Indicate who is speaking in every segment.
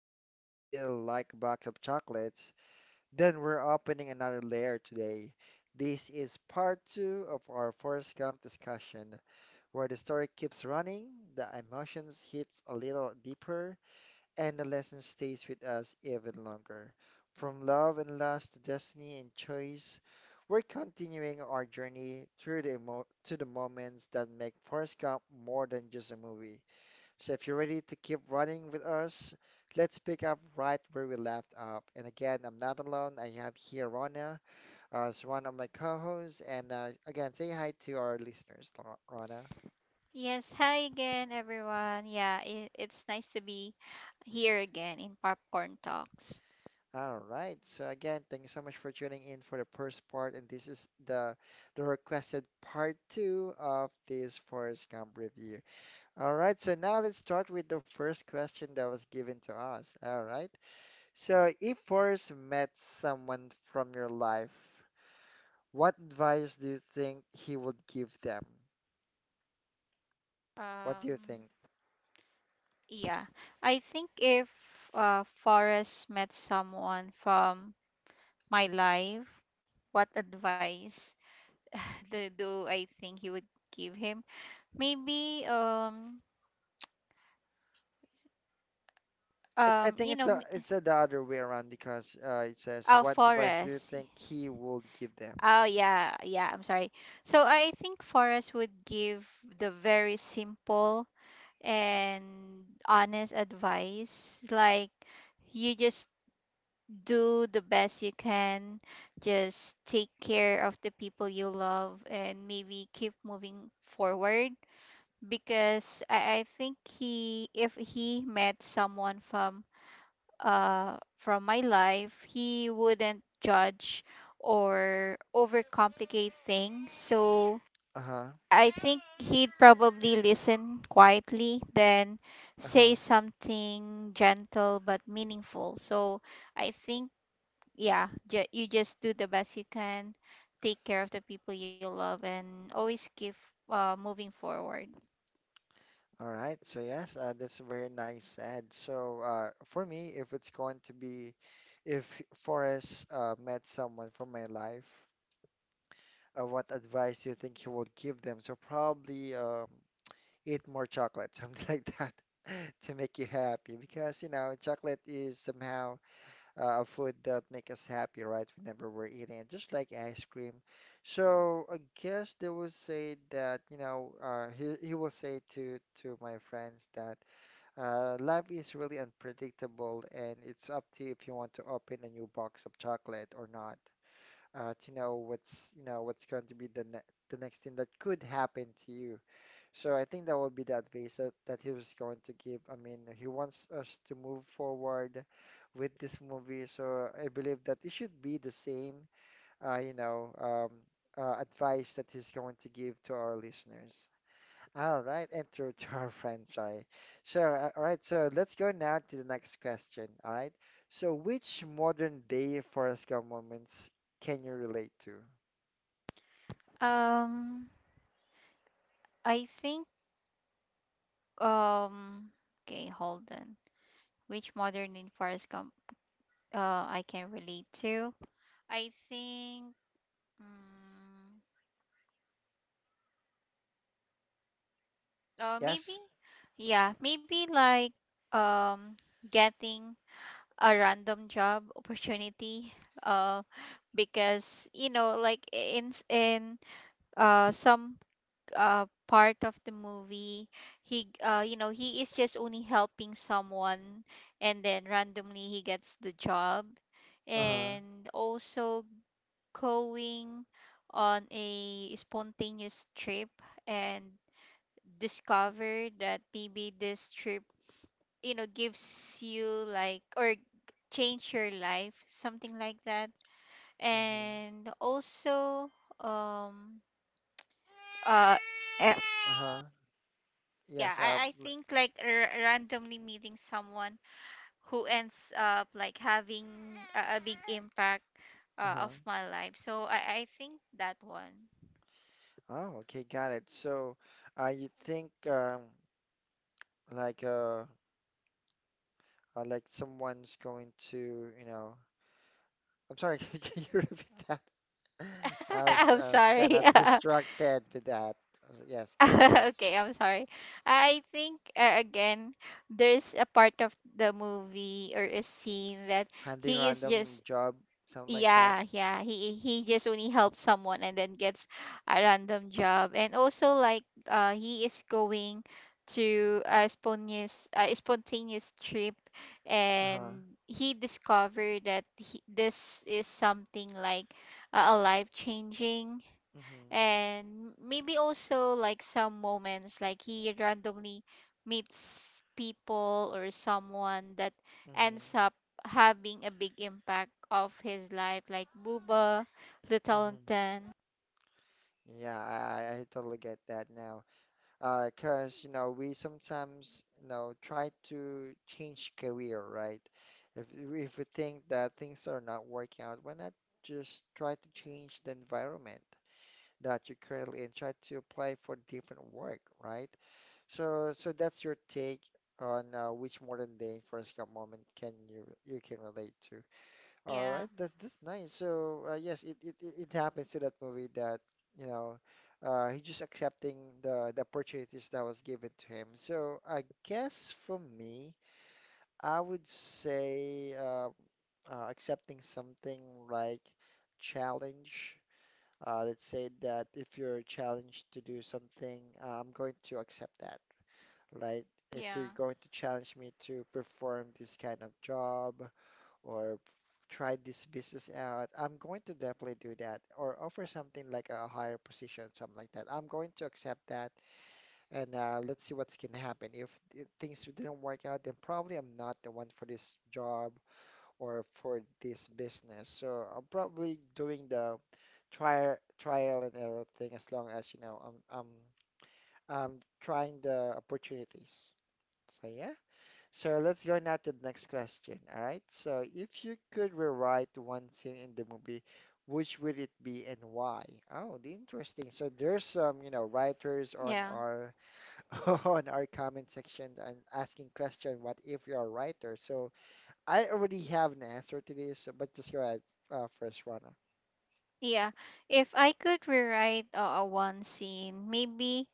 Speaker 1: life is still like a box of chocolates, then we're opening another layer today. This is part two of our Forrest Gump discussion, where the story keeps running, the emotions hits a little deeper, and the lesson stays with us even longer. From love and loss to destiny and choice, we're continuing our journey through the emo to the moments that make Forrest Gump more than just a movie. So if you're ready to keep running with us, let's pick up right where we left off. And again, I'm not alone. I have here Rona as one of my co-hosts. And again, say hi to our listeners, Rona.
Speaker 2: Yes, hi again, everyone. Yeah, it's nice to be here again in Popcorn Talks.
Speaker 1: All right. So again, thank you so much for tuning in for the first part, and this is the requested part two of this Forrest Gump review. All right. So now let's start with the first question that was given to us. All right. So if Forrest met someone from your life, what advice do you think he would give them? What do you
Speaker 2: Um,
Speaker 1: think?
Speaker 2: yeah, I think if Forrest met someone from my life, what advice do I think he would give him? Maybe,
Speaker 1: It, I think
Speaker 2: you know, m-
Speaker 1: it's the other way around because it says, "What advice do you
Speaker 2: Forrest.
Speaker 1: think he would give them?"
Speaker 2: Oh, yeah, yeah, I'm sorry. So I think Forrest would give the very simple and honest advice. Like, you just do the best you can, just take care of the people you love, and maybe keep moving forward. Because I think he, if he met someone from my life, he wouldn't judge or overcomplicate things. So
Speaker 1: Uh-huh.
Speaker 2: I think he'd probably listen quietly, then
Speaker 1: Uh-huh.
Speaker 2: say something gentle but meaningful. So I think, yeah, you just do the best you can, take care of the people you love, and always keep moving forward.
Speaker 1: All right. So yes, that's very nice said. So for me, if it's going to be, if Forrest met someone from my life, what advice do you think he would give them? So probably eat more chocolate, something like that, to make you happy because you know chocolate is somehow food that make us happy, right? Whenever we're eating it, just like ice cream. So I guess they will say that, you know, he will say to my friends that life is really unpredictable, and it's up to you if you want to open a new box of chocolate or not. To know what's you know what's going to be the ne the next thing that could happen to you. So I think that would be the advice that he was going to give. I mean, he wants us to move forward with this movie. So I believe that it should be the same, uh, you know, um, advice that he's going to give to our listeners. All right, enter to our franchise. So, all right, so let's go now to the next question. All right, so which modern day Forrest Gump moments can you relate to?
Speaker 2: Um, I think, um, okay, hold on. Which modern in Forrest Gump uh, I can relate to? I think. mm Uh, maybe,
Speaker 1: Yes.
Speaker 2: yeah, maybe like um getting a random job opportunity. Uh, because you know, like in some part of the movie, he you know he is just only helping someone, and then randomly he gets the job,
Speaker 1: Uh-huh.
Speaker 2: and also going on a spontaneous trip and discover that maybe this trip, you know, gives you like or change your life, something like that.
Speaker 1: Mm-hmm.
Speaker 2: And also, um, uh, eh,
Speaker 1: Uh-huh.
Speaker 2: yeah,
Speaker 1: Yes.
Speaker 2: I think like randomly meeting someone who ends up like having a big impact
Speaker 1: Uh-huh.
Speaker 2: of my life. So I think that one.
Speaker 1: Oh, okay, got it. So, you think like uh, like someone's going to, you know, I'm sorry, can you repeat that?
Speaker 2: I'm
Speaker 1: I was kind
Speaker 2: sorry.
Speaker 1: of distracted with that. So, yes, go ahead, please.
Speaker 2: Okay, I'm sorry. I think again, there's a part of the movie or a scene that
Speaker 1: Handing
Speaker 2: he is
Speaker 1: random
Speaker 2: just
Speaker 1: job, something like that.
Speaker 2: yeah, he just only helps someone and then gets a random job. And also like he is going to a spontaneous spontaneous trip
Speaker 1: Uh-huh.
Speaker 2: and he discovered that he, this is something like a life changing
Speaker 1: Mm-hmm.
Speaker 2: and maybe also like some moments like he randomly meets people or someone that
Speaker 1: Mm-hmm.
Speaker 2: ends up having a big impact of his life like Booba, Little
Speaker 1: Mm-hmm.
Speaker 2: Ten.
Speaker 1: Yeah, I totally get that now. 'Cause, you know, we sometimes, you know, try to change career, right? If we think that things are not working out, why not just try to change the environment that you're currently in, try to apply for different work, right? So that's your take on which modern day Forrest Gump moment can you you can relate to. All
Speaker 2: Yeah,
Speaker 1: right, that's nice. So, yes, it, it happens to that movie that you know he's just accepting the opportunities that was given to him. So, I guess for me, I would say accepting something like challenge, let's say that if you're challenged to do something, I'm going to accept that, right? If you're
Speaker 2: yeah.
Speaker 1: going to challenge me to perform this kind of job or try this business out, I'm going to definitely do that, or offer something like a higher position, something like that. I'm going to accept that, and let's see what's going to happen. If things didn't work out, then probably I'm not the one for this job or for this business. So I'm probably doing the trial and error thing, as long as you know I'm I'm trying the opportunities. So yeah. So let's go now to the next question. All right. So if you could rewrite one scene in the movie, which would it be and why? Oh, the interesting. So there's some, you know, writers on
Speaker 2: Yeah.
Speaker 1: our on our comment section and asking question, what if you are a writer? So I already have an answer to this, but just go ahead, first runner.
Speaker 2: Yeah. If I could rewrite one scene, maybe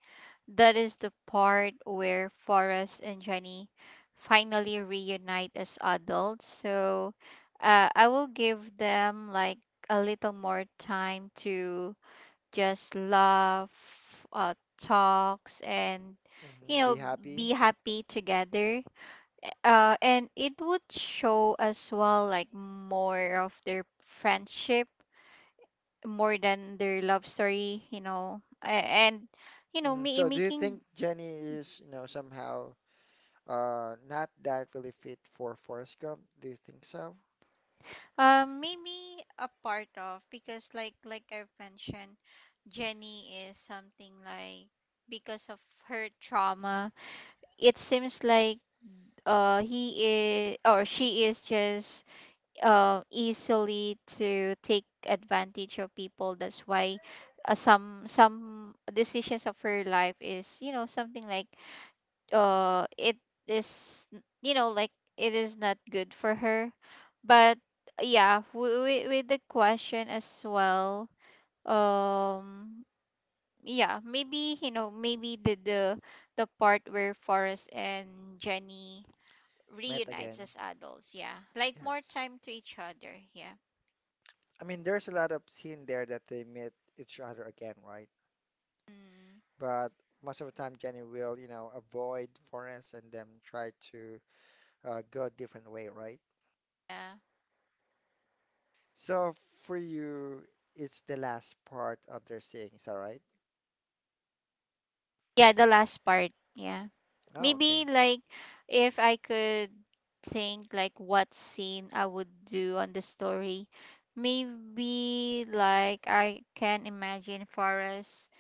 Speaker 2: that is the part where Forrest and Jenny finally reunite as adults. So I will give them like a little more time to just laugh, talks, and
Speaker 1: Hmm.
Speaker 2: you
Speaker 1: Be
Speaker 2: know,
Speaker 1: happy.
Speaker 2: be happy together. And it would show as well like more of their friendship more than their love story, you know, and you know,
Speaker 1: Hmm. So, do you
Speaker 2: making
Speaker 1: think Jenny is, you know, somehow not that really fit for Forrest Gump? Do you think so?
Speaker 2: Maybe a part of because like I've mentioned, Jenny is something like because of her trauma, it seems like he is or she is just easily to take advantage of people. That's why some decisions of her life is you know something like it is you know like it is not good for her but yeah with the question as well um yeah maybe you know maybe the part where Forrest and Jenny
Speaker 1: Met
Speaker 2: reunites
Speaker 1: again.
Speaker 2: as adults yeah like more
Speaker 1: Yes.
Speaker 2: time to each other yeah
Speaker 1: I mean, there's a lot of scene there that they meet each other again, right?
Speaker 2: mm,
Speaker 1: But most of the time, Jenny will, you know, avoid Forrest and then try to go a different way, right?
Speaker 2: yeah
Speaker 1: So for you, it's the last part of their saying, is that right?
Speaker 2: yeah the last part yeah.
Speaker 1: Oh, okay.
Speaker 2: Maybe like if I could think like what scene I would do on the story, maybe like I can imagine Forrest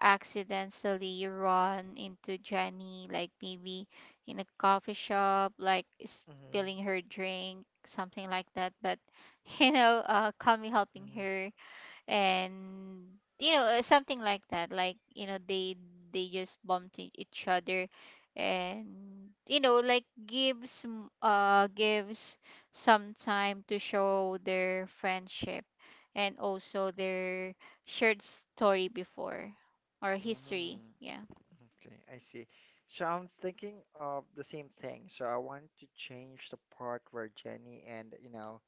Speaker 2: accidentally run into Jenny, like maybe in a coffee shop, like
Speaker 1: Mhm,
Speaker 2: spilling her drink, something like that. But you know, Kami helping
Speaker 1: mhm,
Speaker 2: her and you know something like that like you know they just bumped each other and you know like gives some time to show their friendship and also their shared story before or history
Speaker 1: mhm.
Speaker 2: yeah
Speaker 1: Okay, I see. So I'm thinking of the same thing. So I want to change the part where Jenny and you know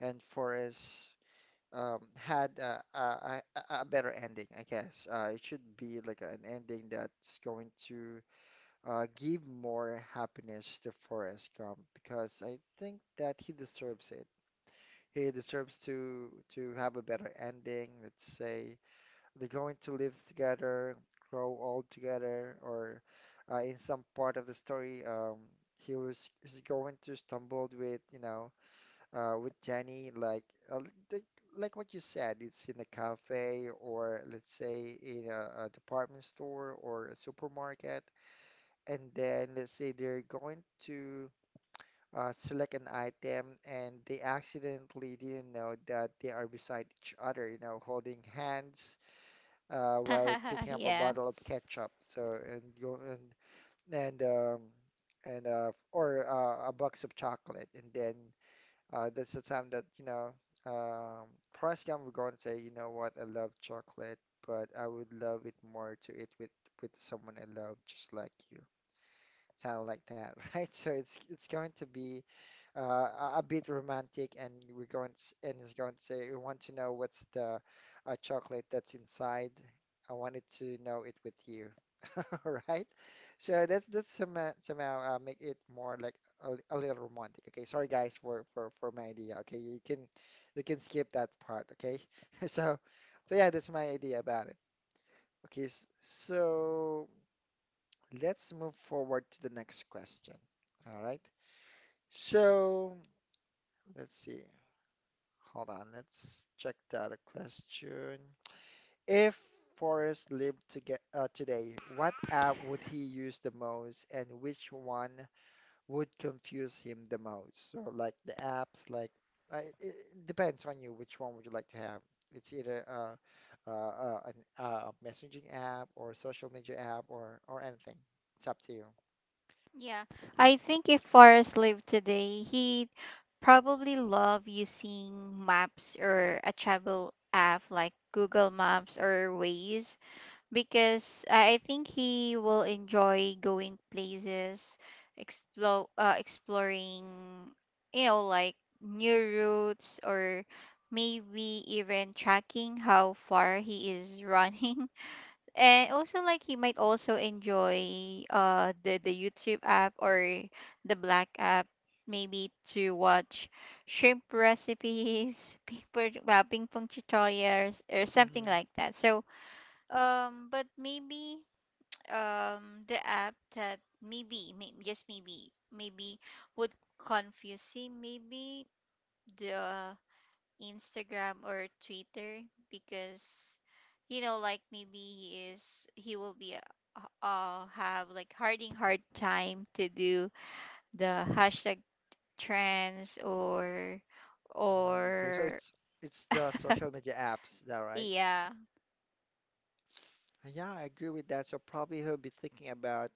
Speaker 1: and Forrest had a better ending, I guess. It should be like an ending that's going to give more happiness to Forrest Gump because I think that he deserves it. He deserves to have a better ending, let's say. They're going to live together, grow old together, or in some part of the story, he was he's going to stumble with you know with Jenny uh, like like what you said, it's in a cafe, or let's say in a department store or a supermarket, and then let's say they're going to select an item and they accidentally didn't know that they are beside each other, you know, holding hands while picking up a
Speaker 2: yeah.
Speaker 1: bottle of ketchup. So and you and and um, and or a box of chocolate, and then that's the time that you know um, Forrest Gump would go and say, you know what, I love chocolate, but I would love it more to eat with someone I love, just like you. Sound like that, right? So it's going to be a bit romantic, and we're going to, s and he's going to say, "We want to know what's the chocolate that's inside. I wanted to know it with you." All right, so that's somehow make it more like a, a little romantic. Okay, sorry guys for, for my idea. Okay, you can skip that part. Okay, so so yeah, that's my idea about it. Okay, so let's move forward to the next question. All right, so let's see. Hold on, let's check the other question. If Forrest lived to get, today, what app would he use the most and which one would confuse him the most? So, like the apps, like it, it depends on you which one would you like to have. It's either an a messaging app or social media app or anything. It's up to you.
Speaker 2: Yeah, I think if Forrest lived today, he'd probably love using maps or a travel app like Google Maps or Waze because I think he will enjoy going places, exploring, you know, like new routes or maybe even tracking how far he is running. And also like he might also enjoy the YouTube app or the Black app maybe to watch shrimp recipes, paper well, ping pong tutorials or something
Speaker 1: Mm-hmm.
Speaker 2: like that. So but maybe the app that maybe would confuse him maybe the Instagram or Twitter because you know like maybe he is he will be uh, have like hard time to do the hashtag trends
Speaker 1: Mm, okay, so
Speaker 2: or
Speaker 1: it's the social media apps, is that right?
Speaker 2: yeah
Speaker 1: Yeah, I agree with that. So probably he'll be thinking about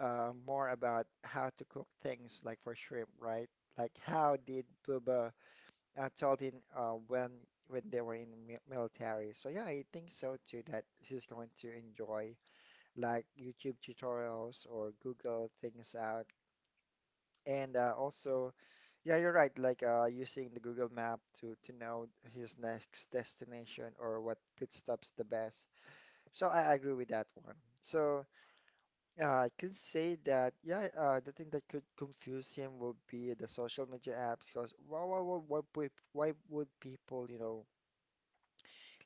Speaker 1: more about how to cook things like for shrimp, right? Like how did Bubba told him when they were in military. So yeah, I think so too that he's going to enjoy like YouTube tutorials or Google things out. And also, yeah, you're right. Like using the Google map to know his next destination or what pit stops the best. So I agree with that one. So. I can say that, yeah, the thing that could confuse him would be the social media apps because why would people, you know,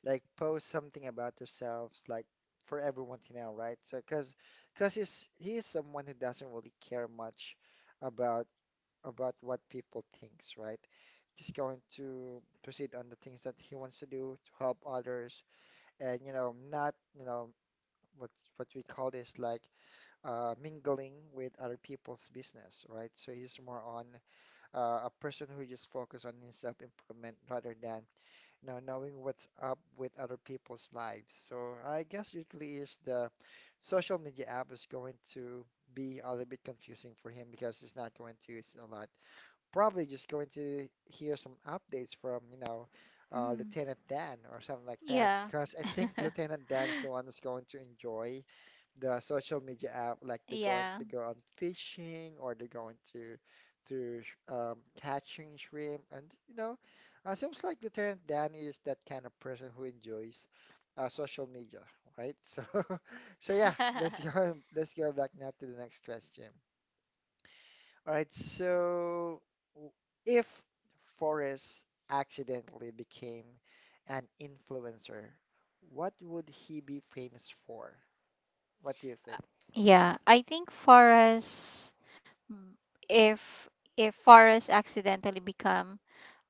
Speaker 1: like post something about themselves like for everyone to know, right? So, because he's he is someone who doesn't really care much about about what people thinks, right? Just going to proceed on the things that he wants to do to help others and, you know, not, you know, what what we call this like mingling with other people's business, right? So he's more on a person who just focus on his self-improvement rather than, you know, knowing what's up with other people's lives. So I guess usually is the social media app is going to be a little bit confusing for him because he's not going to use it a lot. Probably just going to hear some updates from, you know,
Speaker 2: mm,
Speaker 1: Lieutenant Dan or something like that,
Speaker 2: yeah
Speaker 1: because I think Lieutenant Dan is the one that's going to enjoy the social media app, like they're going
Speaker 2: yeah
Speaker 1: to go on fishing or they're going to catching shrimp, and you know, seems like Lieutenant Dan is that kind of person who enjoys social media, right? So, so yeah, let's go let's go back now to the next question. All right, so w- if Forrest accidentally became an influencer, what would he be famous for? What do you think?
Speaker 2: yeah. I think for us if if Forrest accidentally become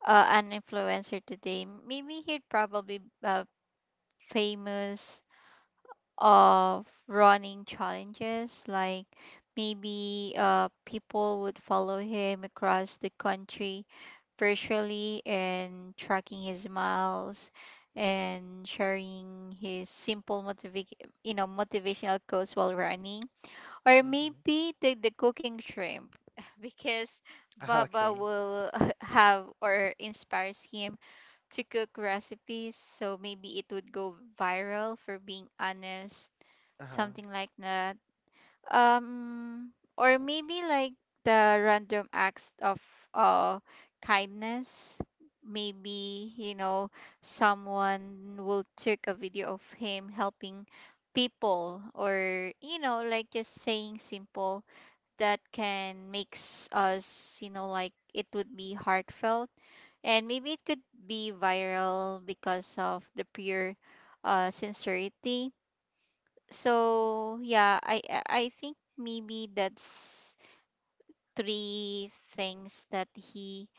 Speaker 2: an influencer today, maybe he'd probably famous of running challenges. Like maybe people would follow him across the country virtually and tracking his miles and sharing his simple you know motivational quotes while running or maybe the cooking shrimp because
Speaker 1: Uh-huh,
Speaker 2: baba
Speaker 1: okay.
Speaker 2: will have or inspires him to cook recipes, so maybe it would go viral for being honest,
Speaker 1: Uh-huh.
Speaker 2: something like that. Um, or maybe like the random acts of uh kindness. Maybe, you know, someone will take a video of him helping people or you know like just saying simple that can makes us you know like it would be heartfelt and maybe it could be viral because of the pure sincerity so yeah I think maybe that's three things that he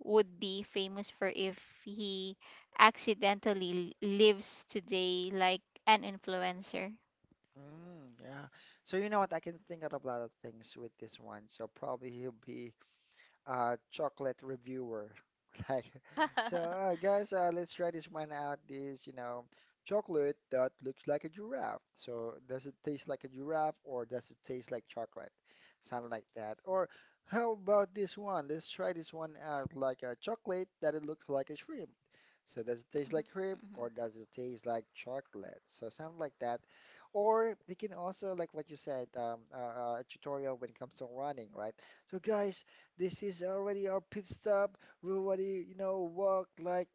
Speaker 2: would be famous for if he accidentally lives today like an influencer
Speaker 1: Mm, yeah. So you know what? I can think out of a lot of things with this one. So probably he'll be chocolate reviewer. Like, so guys, let's try this one out. This, you know, chocolate that looks like a giraffe. So does it taste like a giraffe or does it taste like chocolate? Something like that. Or how about this one? Let's try this one out. Like a chocolate that it looks like a shrimp. So does it taste like shrimp or does it taste like chocolate? So something like that. Or they can also like what you said, a tutorial when it comes to running, right? So guys, this is already our pit stop. We already, you know, walked like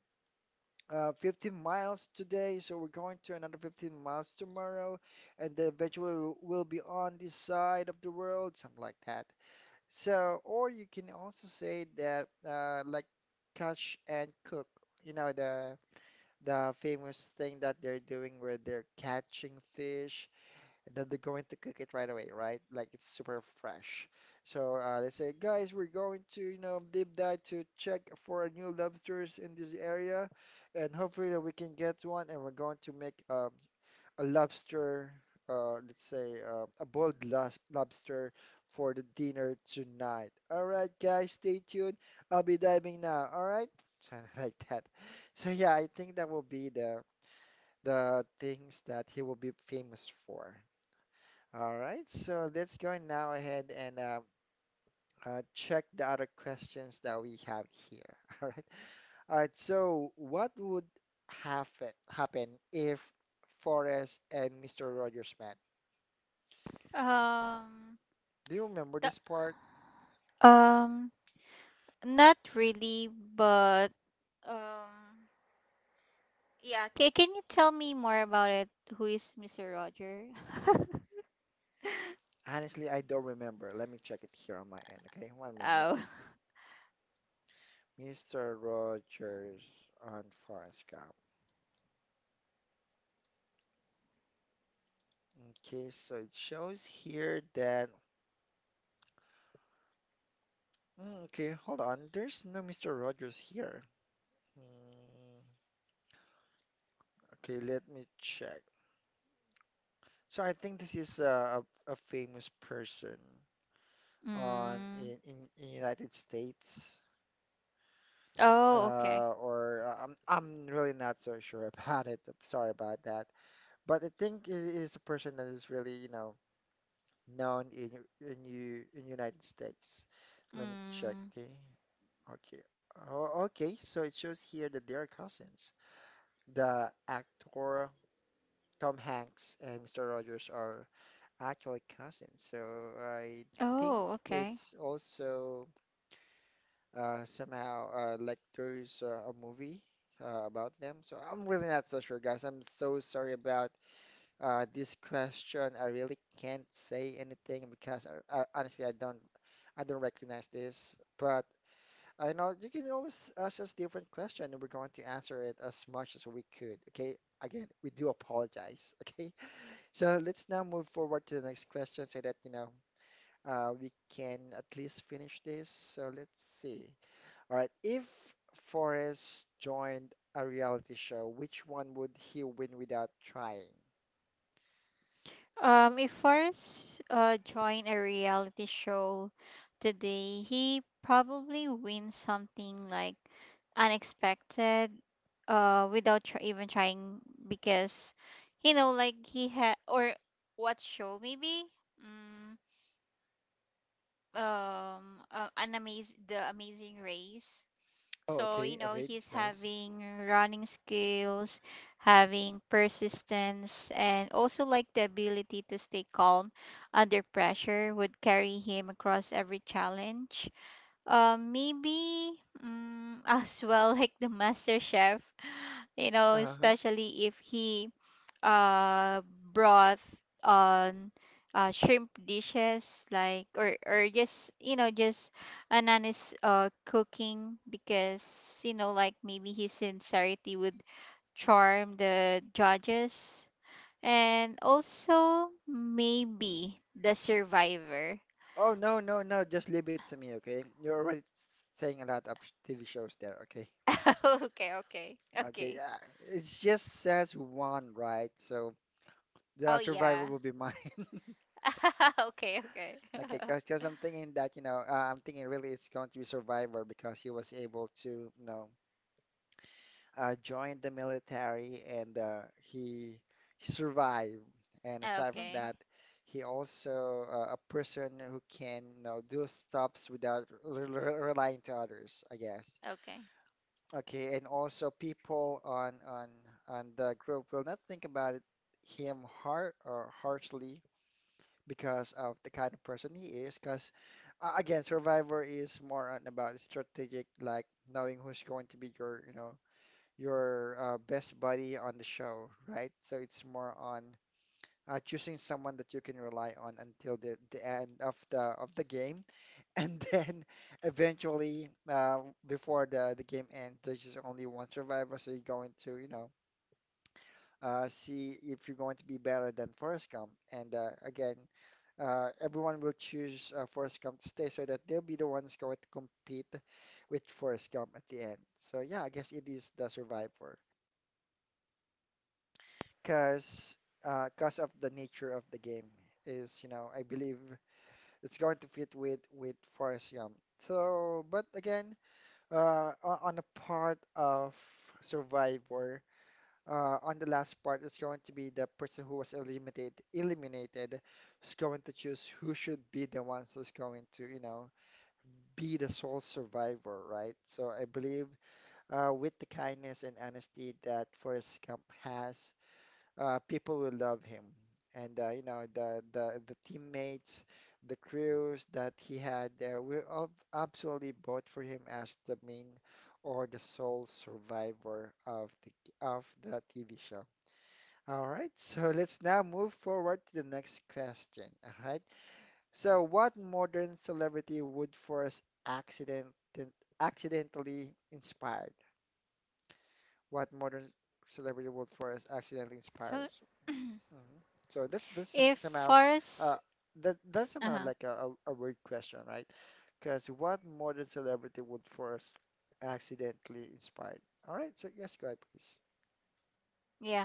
Speaker 1: 15 miles today, so we're going to another 15 miles tomorrow, and then eventually we'll be on this side of the world, something like that. So, or you can also say that like catch and cook, you know, the famous thing that they're doing where they're catching fish and then they're going to cook it right away, right? Like it's super fresh. So they say, guys, we're going to, you know, deep dive to check for new lobsters in this area, and hopefully that we can get one. And we're going to make a lobster, let's say a lobster for the dinner tonight. All right, guys, stay tuned. I'll be diving now. All right, something like that. So yeah, I think that will be the things that he will be famous for. All right, so let's go now ahead and check the other questions that we have here. All right, all right. So, what would happen if Forrest and Mr. Rogers met?
Speaker 2: um
Speaker 1: Do you remember
Speaker 2: the,
Speaker 1: this part?
Speaker 2: um not really but um yeah. Can you tell me more about it? Who is Mr. Roger?
Speaker 1: Honestly, I don't remember. Let me check it here on my end. Okay, one moment.
Speaker 2: oh.
Speaker 1: Mr. Rogers on Forrest Gump. Okay, so it shows here that. Mm, okay, hold on. There's no Mr. Rogers here. Mm, okay, let me check. So I think this is a famous person on
Speaker 2: Mm.
Speaker 1: in, in, in United States.
Speaker 2: Oh, okay.
Speaker 1: Or I'm really not so sure about it. I'm sorry about that. But I think it is a person that is really, you know, known in you in United States. Let me check.
Speaker 2: Mm.
Speaker 1: Okay. Okay. Oh, okay. So it shows here that they are cousins. The actor Tom Hanks and Mr. Rogers are actually cousins. So I think
Speaker 2: Oh, okay.
Speaker 1: it's also somehow like there's a movie about them. So I'm really not so sure, guys. I'm so sorry about this question. I really can't say anything because honestly I don't recognize this. But I know you can always ask us different question and we're going to answer it as much as we could. Okay. Again, we do apologize. Okay. So let's now move forward to the next question so that, you know, we can at least finish this. So let's see. All right. If Forrest joined a reality show, which one would he win without trying?
Speaker 2: If Forrest joined a reality show today, he probably wins something like unexpected, without even trying because, you know, like he had or what show maybe? Mm. An amaz the amazing race
Speaker 1: Oh,
Speaker 2: so you
Speaker 1: okay.
Speaker 2: know
Speaker 1: Okay.
Speaker 2: he's
Speaker 1: That's nice.
Speaker 2: having running skills having persistence and also like the ability to stay calm under pressure would carry him across every challenge maybe as well like the master chef you know
Speaker 1: Uh-huh.
Speaker 2: especially if he uh broth on shrimp dishes like or just you know just Anani's cooking because you know like maybe his sincerity would charm the judges and also maybe the survivor.
Speaker 1: Oh, no, no, no. Just leave it to me, okay? You're already saying a lot of TV shows there, okay?
Speaker 2: okay okay
Speaker 1: Okay.
Speaker 2: okay
Speaker 1: It just says one, right? So the
Speaker 2: oh
Speaker 1: Survivor
Speaker 2: yeah
Speaker 1: will be mine.
Speaker 2: okay okay
Speaker 1: Okay, because I'm thinking that, you know, I'm thinking really it's going to be Survivor because he was able to, you know, joined the military and he survived. And aside from
Speaker 2: okay
Speaker 1: that, he also a person who can you know do stuffs without relying to others, I guess.
Speaker 2: okay
Speaker 1: Okay, and also people on the group will not think about it, him harshly because of the kind of person he is. Because again, Survivor is more on about strategic, like knowing who's going to be your you know your best buddy on the show, right? So it's more on choosing someone that you can rely on until the end of the game, and then eventually, before the game ends, there's just only one survivor, so you're going to, you know, see if you're going to be better than Forrest Gump. And again, everyone will choose Forrest Gump to stay, so that they'll be the ones going to compete with Forrest Gump at the end. So yeah, I guess it is the survivor. Because because of the nature of the game is, you know, I believe it's going to fit with Forest Gump. So, but again, on the part of Survivor, on the last part, it's going to be the person who was eliminated is going to choose who should be the ones who's going to, you know, be the sole survivor, right? So I believe with the kindness and honesty that Forrest Gump has people will love him. And you know the teammates, the crews that he had there were of absolutely bought for him as the main or the sole survivor of the TV show. All right, so let's now move forward to the next question. All right, so what modern celebrity would Forrest accident accidentally inspired? What modern celebrity would Forrest accidentally
Speaker 2: so
Speaker 1: inspire? Mhm. So
Speaker 2: if
Speaker 1: somehow
Speaker 2: Forrest
Speaker 1: uh that's
Speaker 2: uh-huh.
Speaker 1: somehow like a weird question, right? Because what modern celebrity would first accidentally inspired? All right, so yes, go ahead, please.
Speaker 2: Yeah,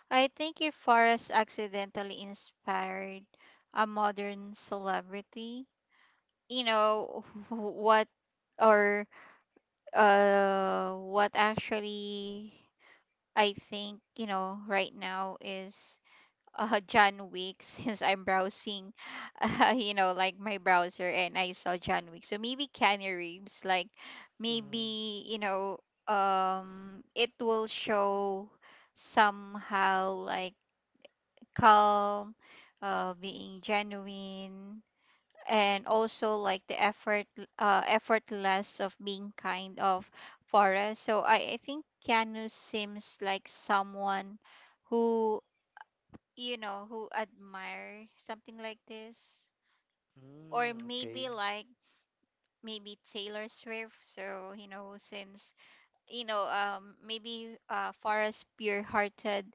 Speaker 2: I think if Forrest accidentally inspired a modern celebrity, you know, what or what actually I think, you know, right now is John Wick since I'm browsing you know, like my browser and I saw John Wick. So maybe Keanu Reeves, like
Speaker 1: Hmm.
Speaker 2: maybe, you know, it will show somehow like calm, being genuine, and also like effortless of being kind of Forrest. So I think Keanu seems like someone who you know who admire something like this, or
Speaker 1: Mm,
Speaker 2: maybe
Speaker 1: okay.
Speaker 2: like maybe Taylor Swift. So you know since you know maybe Forrest pure-hearted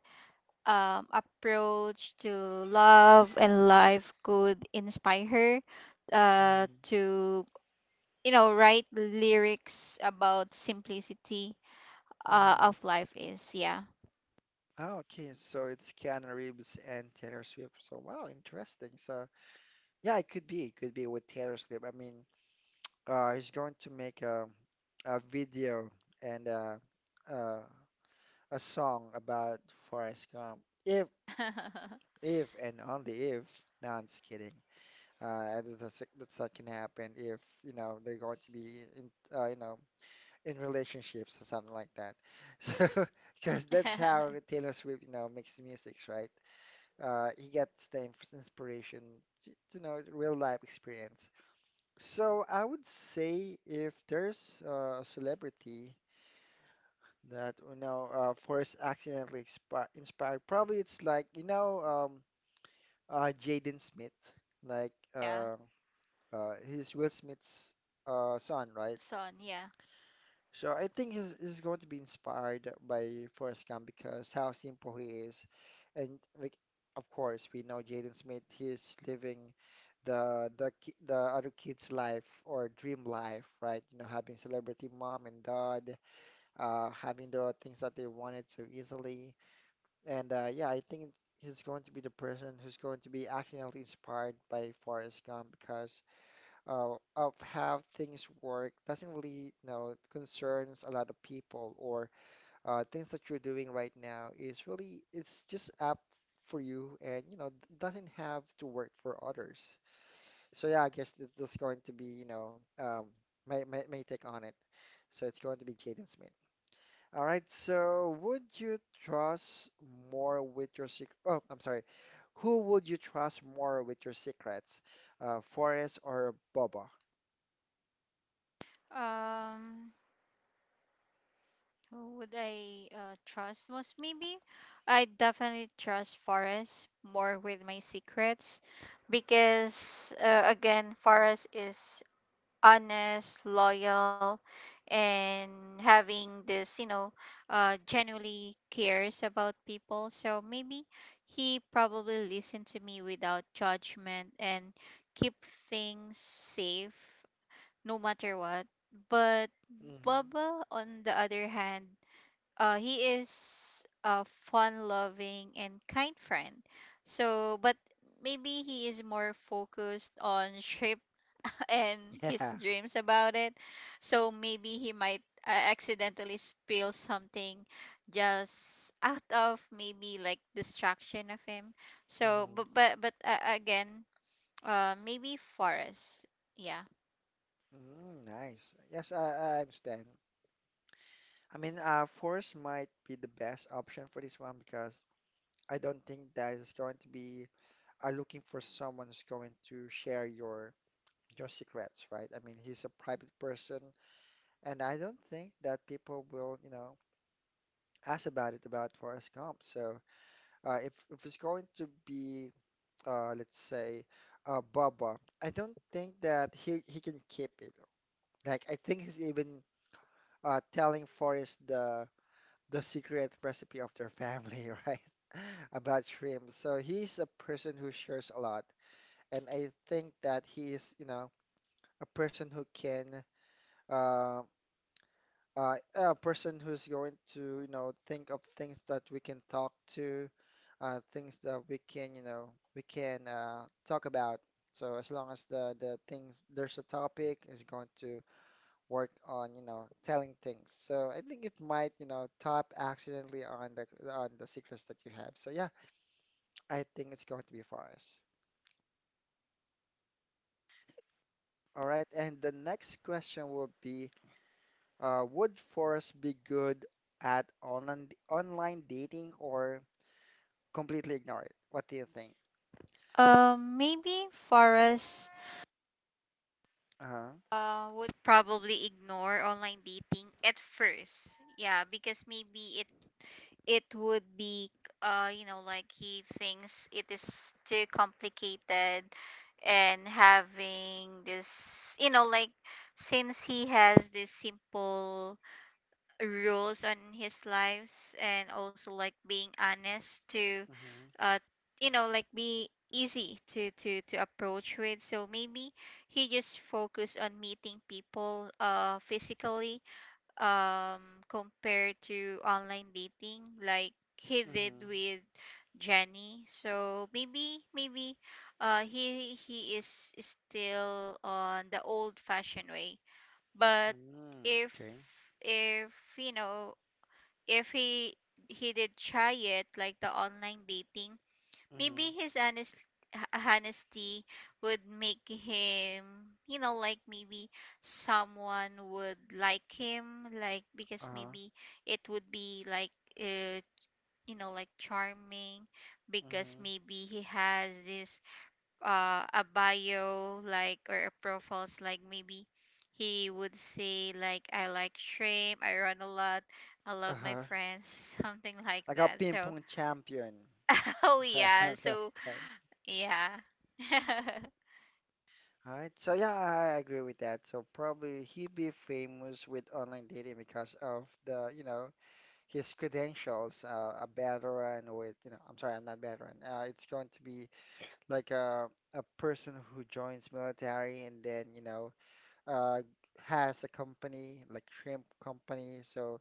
Speaker 2: approach to love and life could inspire her
Speaker 1: Hmm.
Speaker 2: to you know write lyrics about simplicity
Speaker 1: Hmm.
Speaker 2: of life is yeah
Speaker 1: Oh, okay. So it's Keanu Reeves and Taylor Swift. So wow, interesting. So yeah, it could be with Taylor Swift. I mean, he's going to make a video and uh, a song about Forrest Gump. If, if, and only if. No, I'm just kidding. And that's that can happen if you know they're going to be in, you know, in relationships or something like that. So, because that's how Taylor Swift, you know, makes the music, right? He gets the inspiration, to, you know, real life experience. So I would say if there's a celebrity that you know Forrest accidentally expi inspired. Probably it's like you know Jaden Smith, like
Speaker 2: yeah
Speaker 1: uh, he's Will Smith's son, right?
Speaker 2: son yeah.
Speaker 1: So I think he's going to be inspired by Forrest Gump because how simple he is, and like of course we know Jaden Smith, he's living the other kid's life or dream life, right? You know, having celebrity mom and dad, having the things that they wanted so easily. And yeah, I think he's going to be the person who's going to be accidentally inspired by Forrest Gump because of how things work doesn't really, you know, concerns a lot of people or things that you're doing right now is really, it's just up for you and, you know, it doesn't have to work for others. So yeah, I guess that's going to be, you know, my, my take on it. So it's going to be Jaden Smith. All right, so would you trust more with your secret? Oh, I'm sorry. Who would you trust more with your secrets? Forrest or Boba?
Speaker 2: um who would I trust most maybe I definitely trust forrest more with my secrets because again forrest is honest, loyal, and having this, you know, genuinely cares about people. So maybe he probably listened to me without judgment and keep things safe no matter what. But
Speaker 1: Mm-hmm.
Speaker 2: Baba, on the other hand, he is a fun-loving and kind friend. So, but maybe he is more focused on shaping and his
Speaker 1: Yeah.
Speaker 2: dreams about it. So maybe he might accidentally spill something just out of maybe like distraction of him. So
Speaker 1: Mm-hmm.
Speaker 2: but again, maybe Forrest. Yeah.
Speaker 1: Mm, nice. Yes, I understand. I mean, Forrest might be the best option for this one because I don't think that is going to be looking for someone who's going to share your secrets, right? I mean, he's a private person, and I don't think that people will, you know, asked about it about Forrest Gump. So if it's going to be let's say Bubba, I don't think that he can keep it. Like I think he's even telling Forrest the secret recipe of their family, right? About shrimp. So he's a person who shares a lot, and I think that he is, you know, a person who can um a person who's going to, you know, think of things that we can talk to, things that we can, you know, we can talk about. So as long as the things there's a topic is going to work on, telling things. So I think it might, tap accidentally on the secrets that you have. So yeah, I think it's going to be forest. All right, and the next question will be, would forest be good at online dating or completely ignore it. What do you think?
Speaker 2: Maybe Forrest
Speaker 1: Uh-huh.
Speaker 2: would probably ignore online dating at first. Yeah, because maybe it would be you know like he thinks it is too complicated and having this you know like since he has these simple rules on his lives and also like being honest to
Speaker 1: Mm-hmm.
Speaker 2: uh you know like be easy to approach with so maybe he just focus on meeting people physically um compared to online dating like he did
Speaker 1: Mm-hmm.
Speaker 2: with Jenny. So maybe maybe he is still on the old fashioned way. But
Speaker 1: Mm-hmm.
Speaker 2: if
Speaker 1: Okay.
Speaker 2: if you know if he did try it like the online dating
Speaker 1: Mm-hmm.
Speaker 2: maybe his honesty would make him you know like maybe someone would like him like because
Speaker 1: Uh-huh.
Speaker 2: maybe it would be like uh, you know like charming because
Speaker 1: Mm-hmm.
Speaker 2: maybe he has this a bio like or a profiles like maybe he would say like I like shrimp I run a lot I love my
Speaker 1: Uh-huh.
Speaker 2: friends something like
Speaker 1: Like a
Speaker 2: that
Speaker 1: ping
Speaker 2: so
Speaker 1: pong champion.
Speaker 2: oh yeah
Speaker 1: Sounds like
Speaker 2: so
Speaker 1: that.
Speaker 2: yeah.
Speaker 1: All right. So yeah, I agree with that. So probably he be famous with online dating because of the, his credentials. A veteran with, you know, I'm sorry, I'm not veteran. It's going to be like a person who joins military and then, uh, has a company like shrimp company. So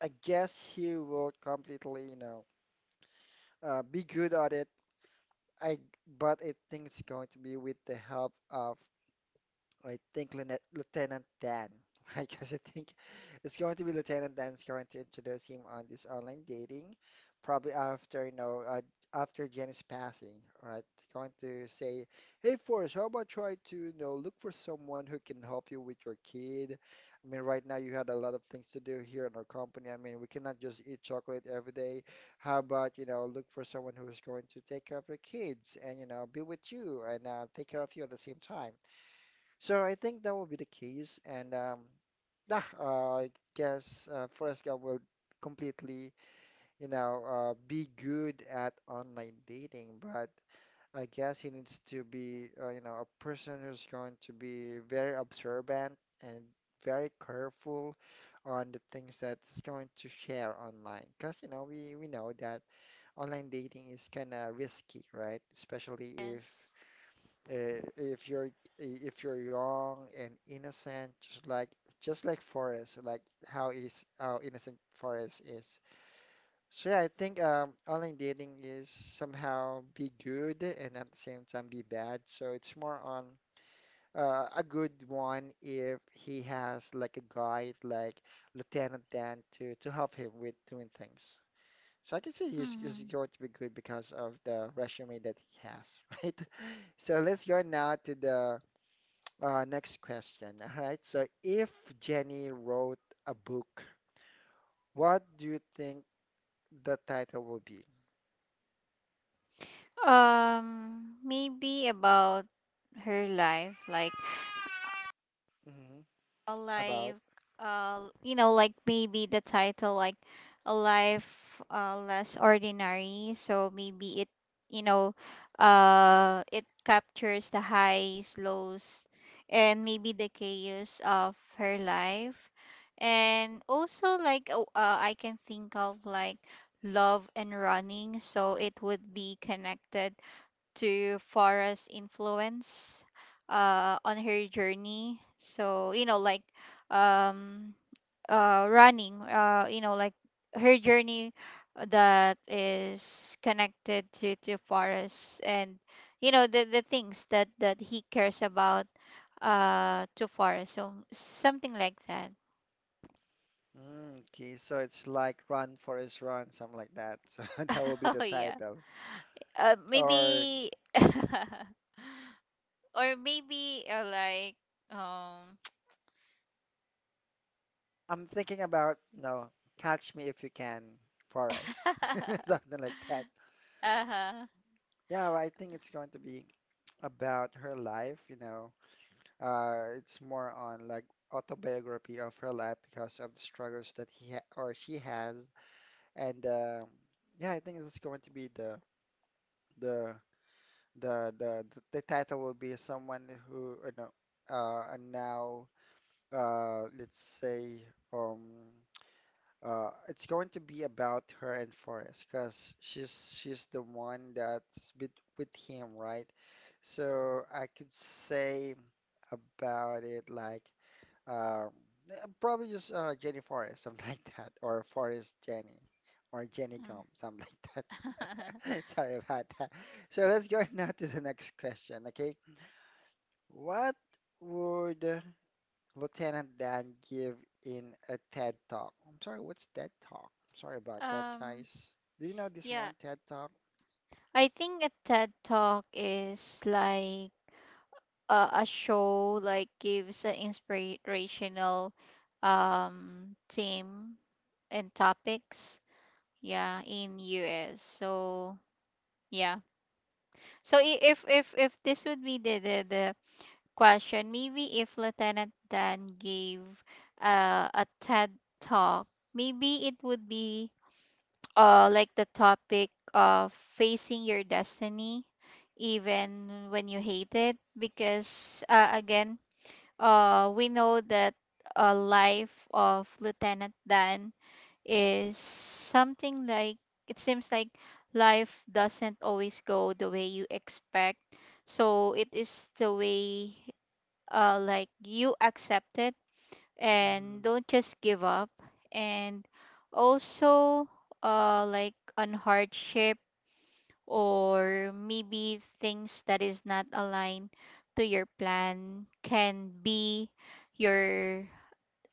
Speaker 1: I guess he will completely, be good at it. I but I think it's going to be with the help of I think Lieutenant Dan. I guess I think it's going to be Lieutenant Dan's going to introduce him on this online dating, probably after after Jenny's passing. All right, going to say, "Hey Forrest, how about try to look for someone who can help you with your kid? I mean, right now you had a lot of things to do here in our company. I mean, we cannot just eat chocolate every day. How about look for someone who is going to take care of your kids and be with you and take care of you at the same time." So I think that will be the case, and yeah, I guess Forrest Gump will completely, be good at online dating, but I guess he needs to be, you know, a person who's going to be very observant and very careful on the things that's going to share online, because you know we know that online dating is kind of risky, right? Especially
Speaker 2: yes.
Speaker 1: uh, if you're if you're young and innocent, just like Forrest, like how is how innocent Forrest is. So yeah, I think online dating is somehow be good and at the same time be bad. So it's more on a good one if he has like a guide, like Lieutenant Dan, to help him with doing things. So I can say he's
Speaker 2: Mhm.
Speaker 1: going to be good because of the resume that he has, right? So let's go now to the next question. All right. So if Jenny wrote a book, what do you think the title will be
Speaker 2: Maybe about her life, like
Speaker 1: hmm
Speaker 2: a
Speaker 1: about?
Speaker 2: life like maybe the title like a life less ordinary. So maybe it you know it captures the highs, lows, and maybe the chaos of her life. And also like I can think of like love and running, so it would be connected to Farah's influence on her journey. So, you know, like um, running, her journey that is connected to Farah's and, you know, the things that, that he cares about to Farah. So, something like that.
Speaker 1: Mm, okay, so it's like Run Forest Run, something like that. So that will be the
Speaker 2: Oh, yeah.
Speaker 1: title. Or
Speaker 2: Maybe. Or maybe like, um,
Speaker 1: I'm thinking about, no, Catch Me If You Can, Forest. Something like that.
Speaker 2: Uh-huh.
Speaker 1: Yeah, well, I think it's going to be about her life, you know, It's more on like autobiography of her life because of the struggles that he ha or she has, and yeah, I think it's going to be the the title will be someone who and now let's say um it's going to be about her and Forrest because she's the one that's with him, right? So I could say about it like. Um, yeah, probably just Jenny Forrest, something like that, or Forrest Jenny, or Jenny Gum,
Speaker 2: Mm.
Speaker 1: something like that. Sorry about that. So let's go now to the next question, okay? What would Lieutenant Dan give in a TED Talk? I'm sorry, what's TED Talk? I'm sorry about that,
Speaker 2: Um,
Speaker 1: guys. Do you know this
Speaker 2: yeah.
Speaker 1: one TED Talk?
Speaker 2: I think a TED Talk is like a show like gives an inspirational theme and topics, yeah, in US. So, yeah. So if this would be the question, maybe if Lieutenant Dan gave a TED Talk, maybe it would be like the topic of facing your destiny even when you hate it. Because again, we know that a life of Lieutenant Dan is something like, it seems like life doesn't always go the way you expect. So it is the way like you accept it
Speaker 1: Hmm.
Speaker 2: and don't just give up. And also like on hardship, or maybe things that is not aligned to your plan can be your,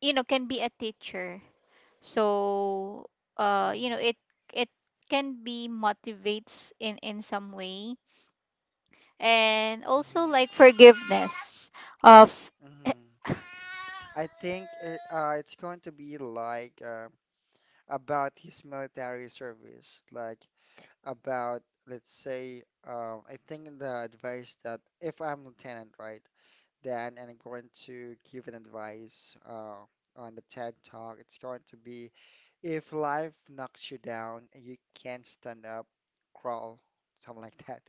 Speaker 2: you know, can be a teacher. So
Speaker 1: Hmm.
Speaker 2: it it can be motivates in some way. And also
Speaker 1: Hmm.
Speaker 2: like forgiveness of
Speaker 1: Hmm. I think it, it's going to be like about his military service, like about, let's say, I think the advice that if I'm lieutenant, right, then and I'm going to give an advice on the TED Talk, it's going to be if life knocks you down and you can't stand up, crawl, something like that.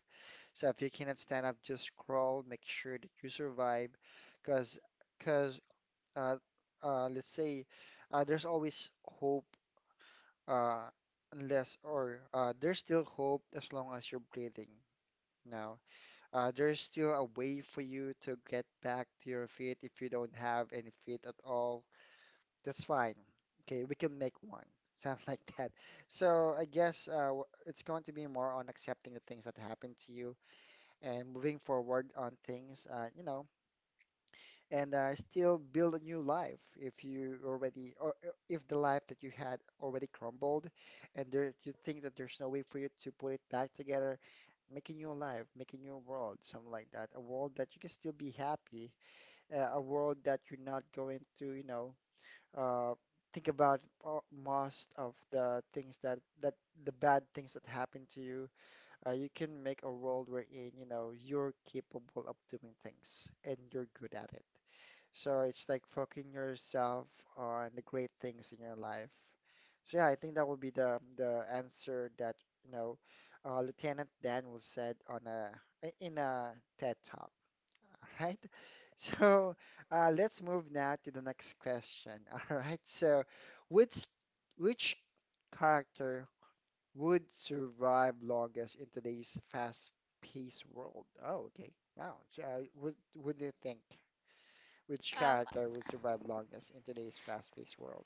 Speaker 1: So if you cannot stand up, just crawl, make sure that you survive, because because uh, let's say there's always hope uh, unless or there's still hope as long as you're breathing now. There's still a way for you to get back to your feet if you don't have any feet at all. That's fine. Okay, we can make one. Sounds like that. So I guess it's going to be more on accepting the things that happen to you and moving forward on things. You know, and still build a new life if you already or if the life that you had already crumbled and there you think that there's no way for you to put it back together make a new life make a new world something like that a world that you can still be happy a world that you're not going to uh, think about most of the things that the bad things that happen to you you can make a world wherein you know you're capable of doing things and you're good at it so it's like focusing yourself on the great things in your life. So yeah, I think that would be the answer that you know Lieutenant Dan was said on a in a TED Talk. All right. So let's move now to the next question. All right. So which which character would survive longest in today's fast-paced world? Oh, okay. Wow. So, what do you think? Which
Speaker 2: um
Speaker 1: character would survive longest in today's fast-paced world?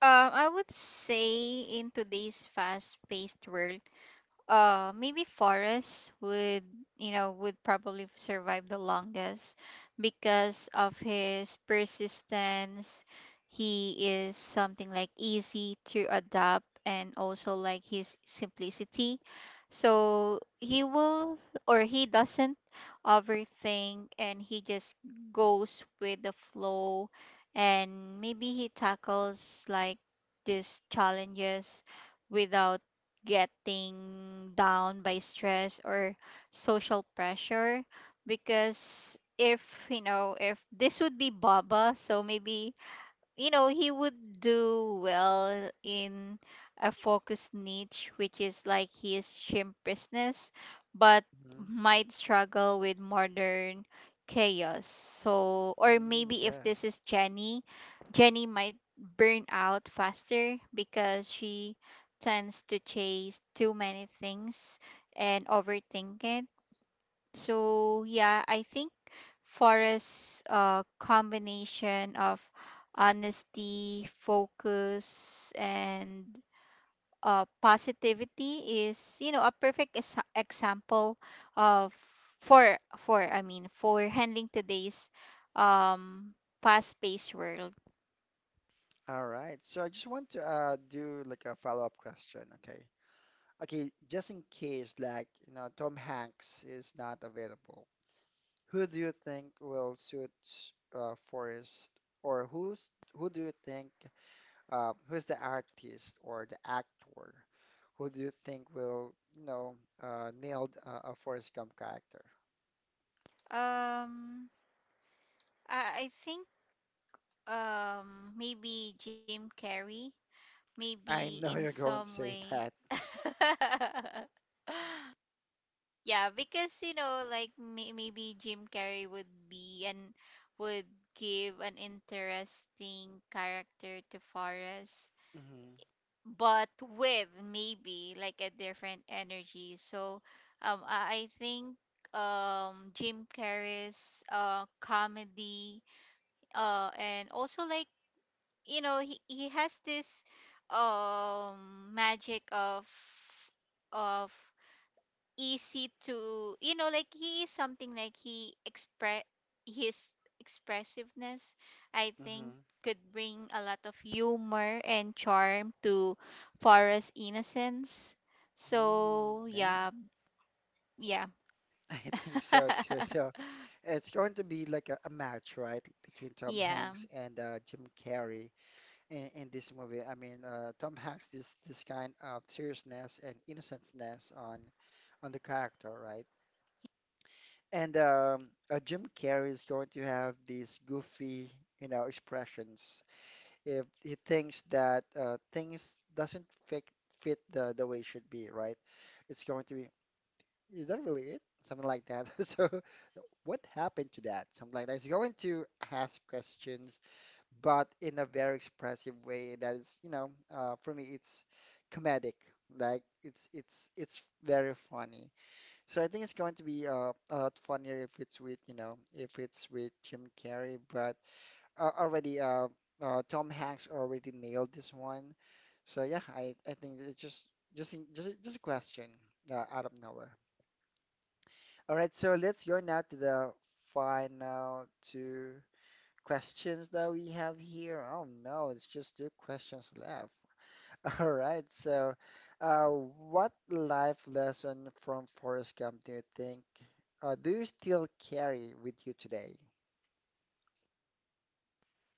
Speaker 2: I would say in today's fast-paced world, maybe forests would, you know, would probably survive the longest because of his persistence. He is something like easy to adapt, and also like his simplicity. So he will, or he doesn't overthink, and he just goes with the flow. And maybe he tackles like these challenges without getting down by stress or social pressure. Because if, you know, if this would be Baba, so maybe, you know, he would do well in a focused niche, which is like his chimpishness, but
Speaker 1: Mhm.
Speaker 2: might struggle with modern chaos. So, or
Speaker 1: Mm,
Speaker 2: maybe if
Speaker 1: yeah.
Speaker 2: this is Jenny, Jenny might burn out faster because she tends to chase too many things and overthink it. So yeah, I think Forrest's combination of honesty, focus, and positivity is, you know, a perfect example of for I mean for handling today's um, fast-paced world.
Speaker 1: All right. So I just want to do like a follow-up question. Okay. Okay. Just in case, like, you know, Tom Hanks is not available, who do you think will suit Forrest, or who's who do you think who's the artist or the actor? Who do you think will, nailed a Forrest Gump character?
Speaker 2: Um, I think maybe Jim Carrey, maybe
Speaker 1: I
Speaker 2: in
Speaker 1: know you're
Speaker 2: some
Speaker 1: going to say
Speaker 2: way.
Speaker 1: that.
Speaker 2: Yeah, because, you know, like maybe Jim Carrey would be and would give an interesting character to Forrest, but with maybe like a different energy. So, I think Jim Carrey's comedy and also like, you know, he has this magic of easy to, you know, like he is something like he express his expressiveness, I think,
Speaker 1: Mm-hmm.
Speaker 2: could bring a lot of humor and charm to Forest innocence.
Speaker 1: Mm,
Speaker 2: So
Speaker 1: yeah,
Speaker 2: yeah, yeah.
Speaker 1: I think so too. So it's going to be like a match, right, between Tom
Speaker 2: Yeah,
Speaker 1: Hanks and Jim Carrey in this movie. I mean, Tom Hanks this this kind of seriousness and innocenceness on the character, right? And Jim Carrey is going to have these goofy, you know, expressions if he thinks that things doesn't fit the way it should be, right? It's going to be is that really it? Something like that. So, what happened to that? Something like that. It's going to ask questions, but in a very expressive way that is, for me, it's comedic. Like it's very funny. So I think it's going to be a lot funnier if it's with, you know, if it's with Jim Carrey. But uh, already, uh, Tom Hanks already nailed this one. So yeah, I think it's just in- just just a question out of nowhere. All right, so let's go now to the final two questions that we have here. Oh no, it's just two questions left. All right, so what life lesson from Forrest Gump do you think do you still carry with you today?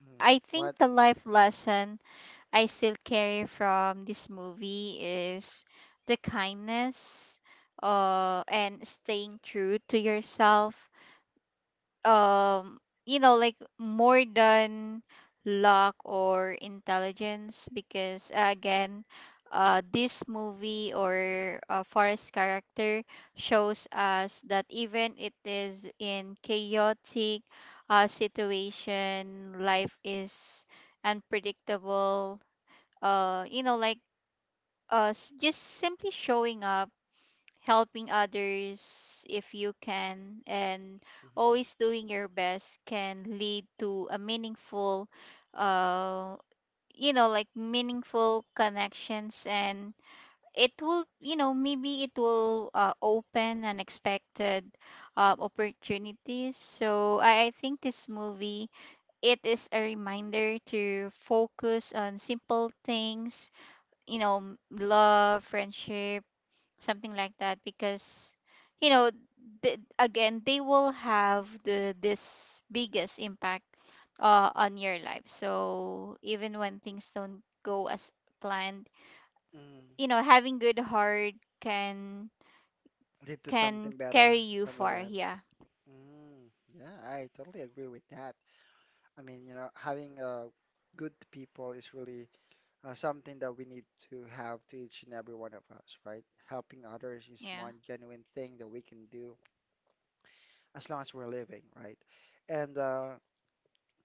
Speaker 1: Mm,
Speaker 2: I think
Speaker 1: what?
Speaker 2: the life lesson I still carry from this movie is the kindness and staying true to yourself, um you know, like more than luck or intelligence. Because again, this movie or Forest character shows us that even it is in chaotic situation, life is unpredictable. uh you know like just simply showing up, helping others if you can, and
Speaker 1: Mhm.
Speaker 2: always doing your best can lead to a meaningful uh you know, like meaningful connections. And it will, you know, maybe it will open unexpected opportunities. So I think this movie, it is a reminder to focus on simple things, you know, love, friendship, something like that. Because, you know, again, they will have the this biggest impact on your life. So even when things don't go as planned,
Speaker 1: Mm.
Speaker 2: you know, having good heart can
Speaker 1: Lead to
Speaker 2: can
Speaker 1: something better,
Speaker 2: carry you
Speaker 1: something like
Speaker 2: far.
Speaker 1: that.
Speaker 2: Yeah,
Speaker 1: Mm, yeah, I totally agree with that. I mean, you know, having good people is really something that we need to have to each and every one of us, right? Helping others is
Speaker 2: yeah.
Speaker 1: one genuine thing that we can do as long as we're living, right? And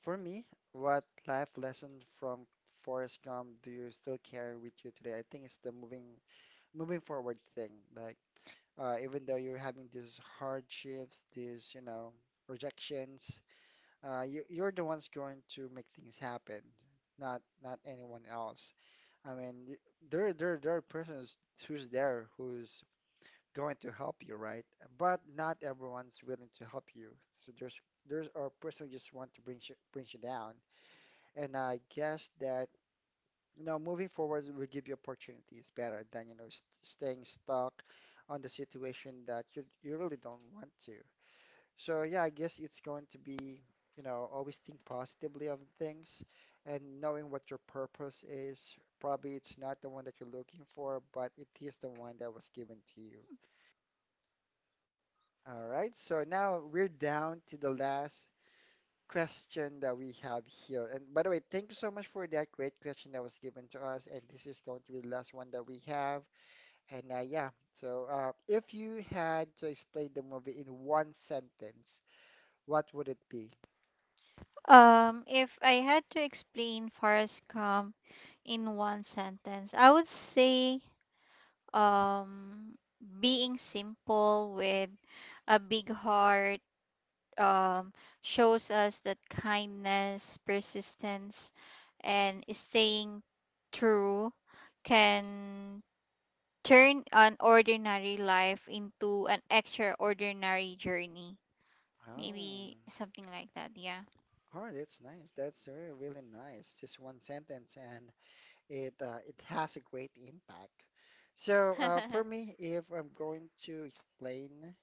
Speaker 1: for me, what life lesson from Forrest Gump do you still carry with you today? I think it's the moving forward thing. Like even though you're having these hardships, these rejections, you're the ones going to make things happen, not anyone else. I mean, y- there there are persons who's there who's going to help you, right? But not everyone's willing to help you. So there's a person who just want to bring you down. And I guess that you know moving forward will give you opportunities better than you know st staying stuck on the situation that you really don't want to. So yeah, I guess it's going to be, you know, always think positively of things and knowing what your purpose is. Probably it's not the one that you're looking for, but it is the one that was given to you. All right. So now we're down to the last question that we have here. And by the way, thank you so much for that great question that was given to us. And this is going to be the last one that we have. And if you had to explain the movie in one sentence, what would it be?
Speaker 2: If I had to explain Forrest Gump in one sentence, I would say, um being simple with a big heart um, shows us that kindness, persistence, and staying true can turn an ordinary life into an extraordinary journey.
Speaker 1: Oh.
Speaker 2: Maybe something like that, yeah.
Speaker 1: Oh, that's nice. That's really, really nice. Just one sentence, and it has a great impact. So, for me, if I'm going to explain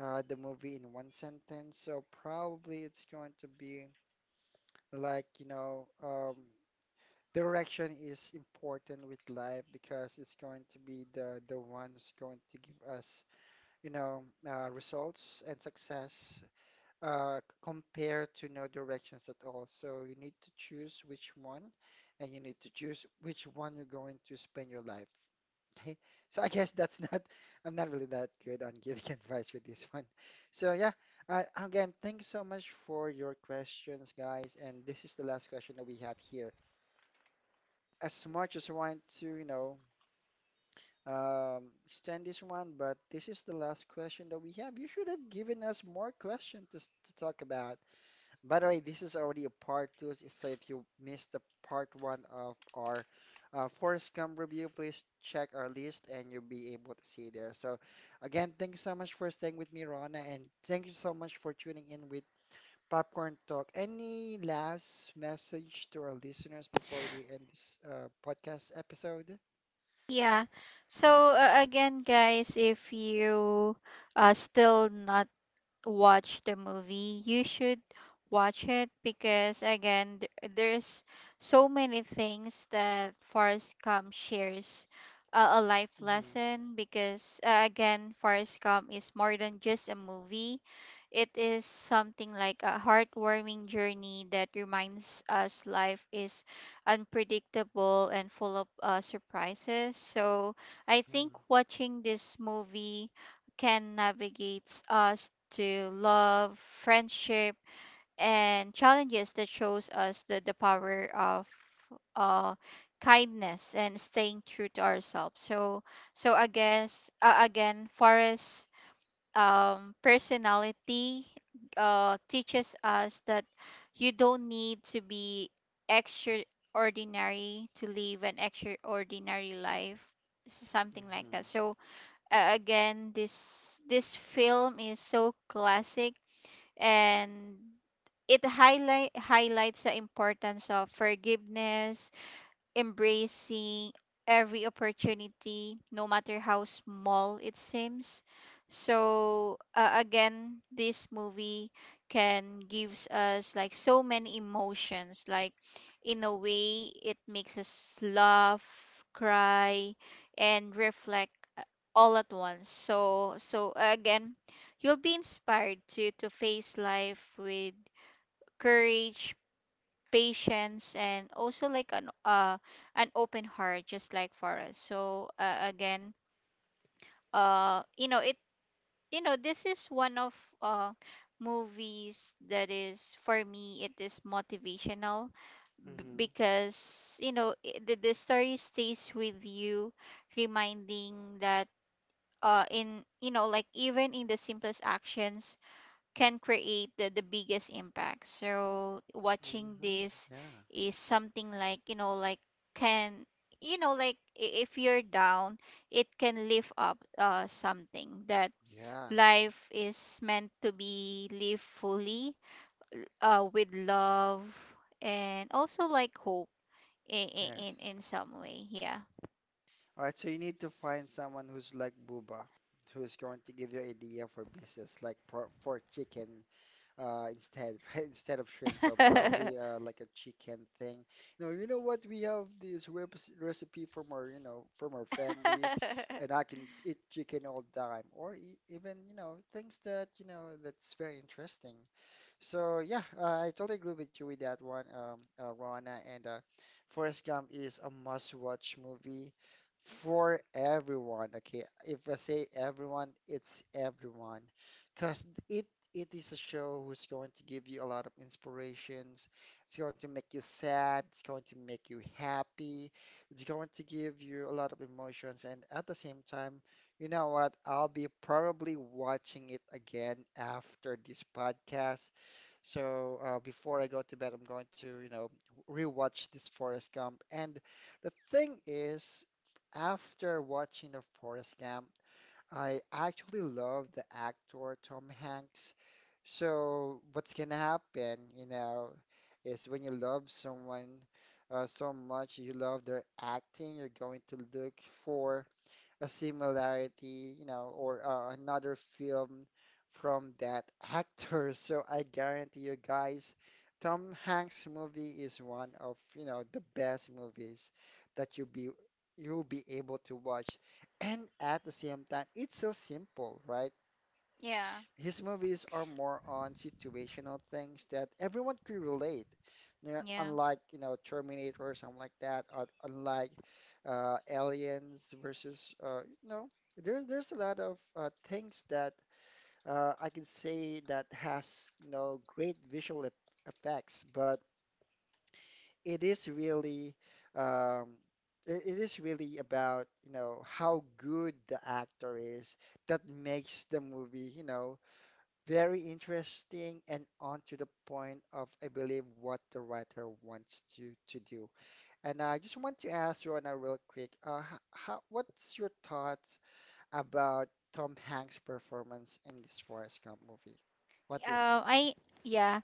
Speaker 1: the movie in one sentence, so probably it's going to be like, you know, um, direction is important with life because it's going to be the one who's going to give us, you know, results and success compare to no directions at all. So you need to choose which one, and you need to choose which one you're going to spend your life. Okay, so I'm not really that good on giving advice with this one. So yeah, again, thank you so much for your questions, guys. And this is the last question that we have here. As much as I want to, extend this one, but this is the last question that we have. You should have given us more questions to talk about. By the way, this is already a part two, so if you missed the part one of our Forrest Gump review, please check our list and you'll be able to see there. So, again, thank you so much for staying with me, Rona, and thank you so much for tuning in with Popcorn Talk. Any last message to our listeners before we end this podcast episode?
Speaker 2: Yeah. So again, guys, if you still not watch the movie, you should watch it. Because again, there's so many things that Forrest Gump shares, a life
Speaker 1: Mm-hmm.
Speaker 2: lesson. Because again, Forrest Gump is more than just a movie. It is something like a heartwarming journey that reminds us life is unpredictable and full of surprises. So I think
Speaker 1: Mm-hmm.
Speaker 2: watching this movie can navigate us to love, friendship, and challenges that shows us the power of uh, kindness and staying true to ourselves. So, so I guess again, Forrest's personality teaches us that you don't need to be extraordinary to live an extraordinary life, something like
Speaker 1: Mm-hmm.
Speaker 2: that. So, again, this film is so classic, and it highlights the importance of forgiveness, embracing every opportunity, no matter how small it seems. So again, this movie can gives us like so many emotions. Like, in a way, it makes us laugh, cry, and reflect all at once. So so again, you'll be inspired to face life with courage, patience, and also like an open heart, just like for us so again, you know it you know this is one of uh movies that is, for me, it is motivational.
Speaker 1: Mm-hmm.
Speaker 2: Because, you know, the story stays with you, reminding that in you know, like even in the simplest actions can create the biggest impact. So watching
Speaker 1: Mm-hmm.
Speaker 2: this
Speaker 1: Yeah.
Speaker 2: is something like, you know, like can, you know, like if you're down, it can lift up something that
Speaker 1: Yeah,
Speaker 2: life is meant to be lived fully with love and also like hope
Speaker 1: yes.
Speaker 2: in some way. Yeah.
Speaker 1: All right, so you need to find someone who's like Buba, who's going to give you idea for business, for chicken instead instead of shrimp. So probably like a chicken thing. No, you know what? We have this rep recipe from from our family, and I can eat chicken all the time, or e even you know things that you know that's very interesting. So yeah, I totally agree with you with that one, Rona. And Forrest Gump is a must-watch movie for everyone. Okay, if I say everyone, it's everyone, because it it is a show who's going to give you a lot of inspirations. It's going to make you sad. It's going to make you happy. It's going to give you a lot of emotions. And at the same time, you know what? I'll be probably watching it again after this podcast, so before I go to bed, I'm going to, you know, rewatch this Forrest Gump. And the thing is, after watching the Forrest Gump, I actually love the actor Tom Hanks. So what's gonna happen, you know, is when you love someone so much, you love their acting, you're going to look for a similarity, you know, or another film from that actor. So I guarantee you guys, Tom Hanks movie is one of, you know, the best movies that you'll be able to watch. And at the same time, it's so simple, right?
Speaker 2: Yeah.
Speaker 1: His movies are more on situational things that everyone could relate. You know,
Speaker 2: Yeah, yeah.
Speaker 1: unlike, you know, Terminator or something like that, or unlike Aliens versus, you know, there's a lot of things that I can say that has, you know, great visual effects, but it is really um, it is really about, you know, how good the actor is that makes the movie, you know, very interesting and on to the point of, I believe, what the writer wants you to do. And I just want to ask Rona real quick, what's your thoughts about Tom Hanks' performance in this Forrest Gump movie? What do you think?
Speaker 2: I Yeah.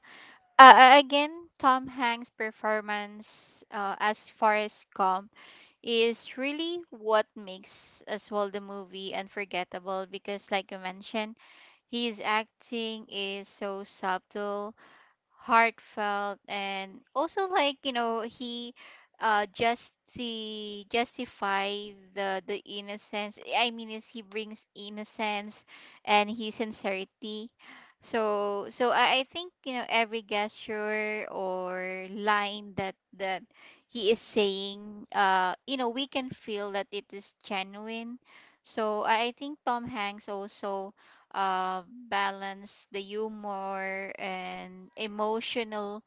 Speaker 2: Again, Tom Hanks' performance as Forrest Gump is really what makes as well the movie unforgettable. Because, like you mentioned, his acting is so subtle, heartfelt, and also like, you know, he just see justify the innocence. I mean, is he brings innocence and his sincerity. So so I think, you know, every gesture or line that he is saying, you know, we can feel that it is genuine. So I think Tom Hanks also uh, balance the humor and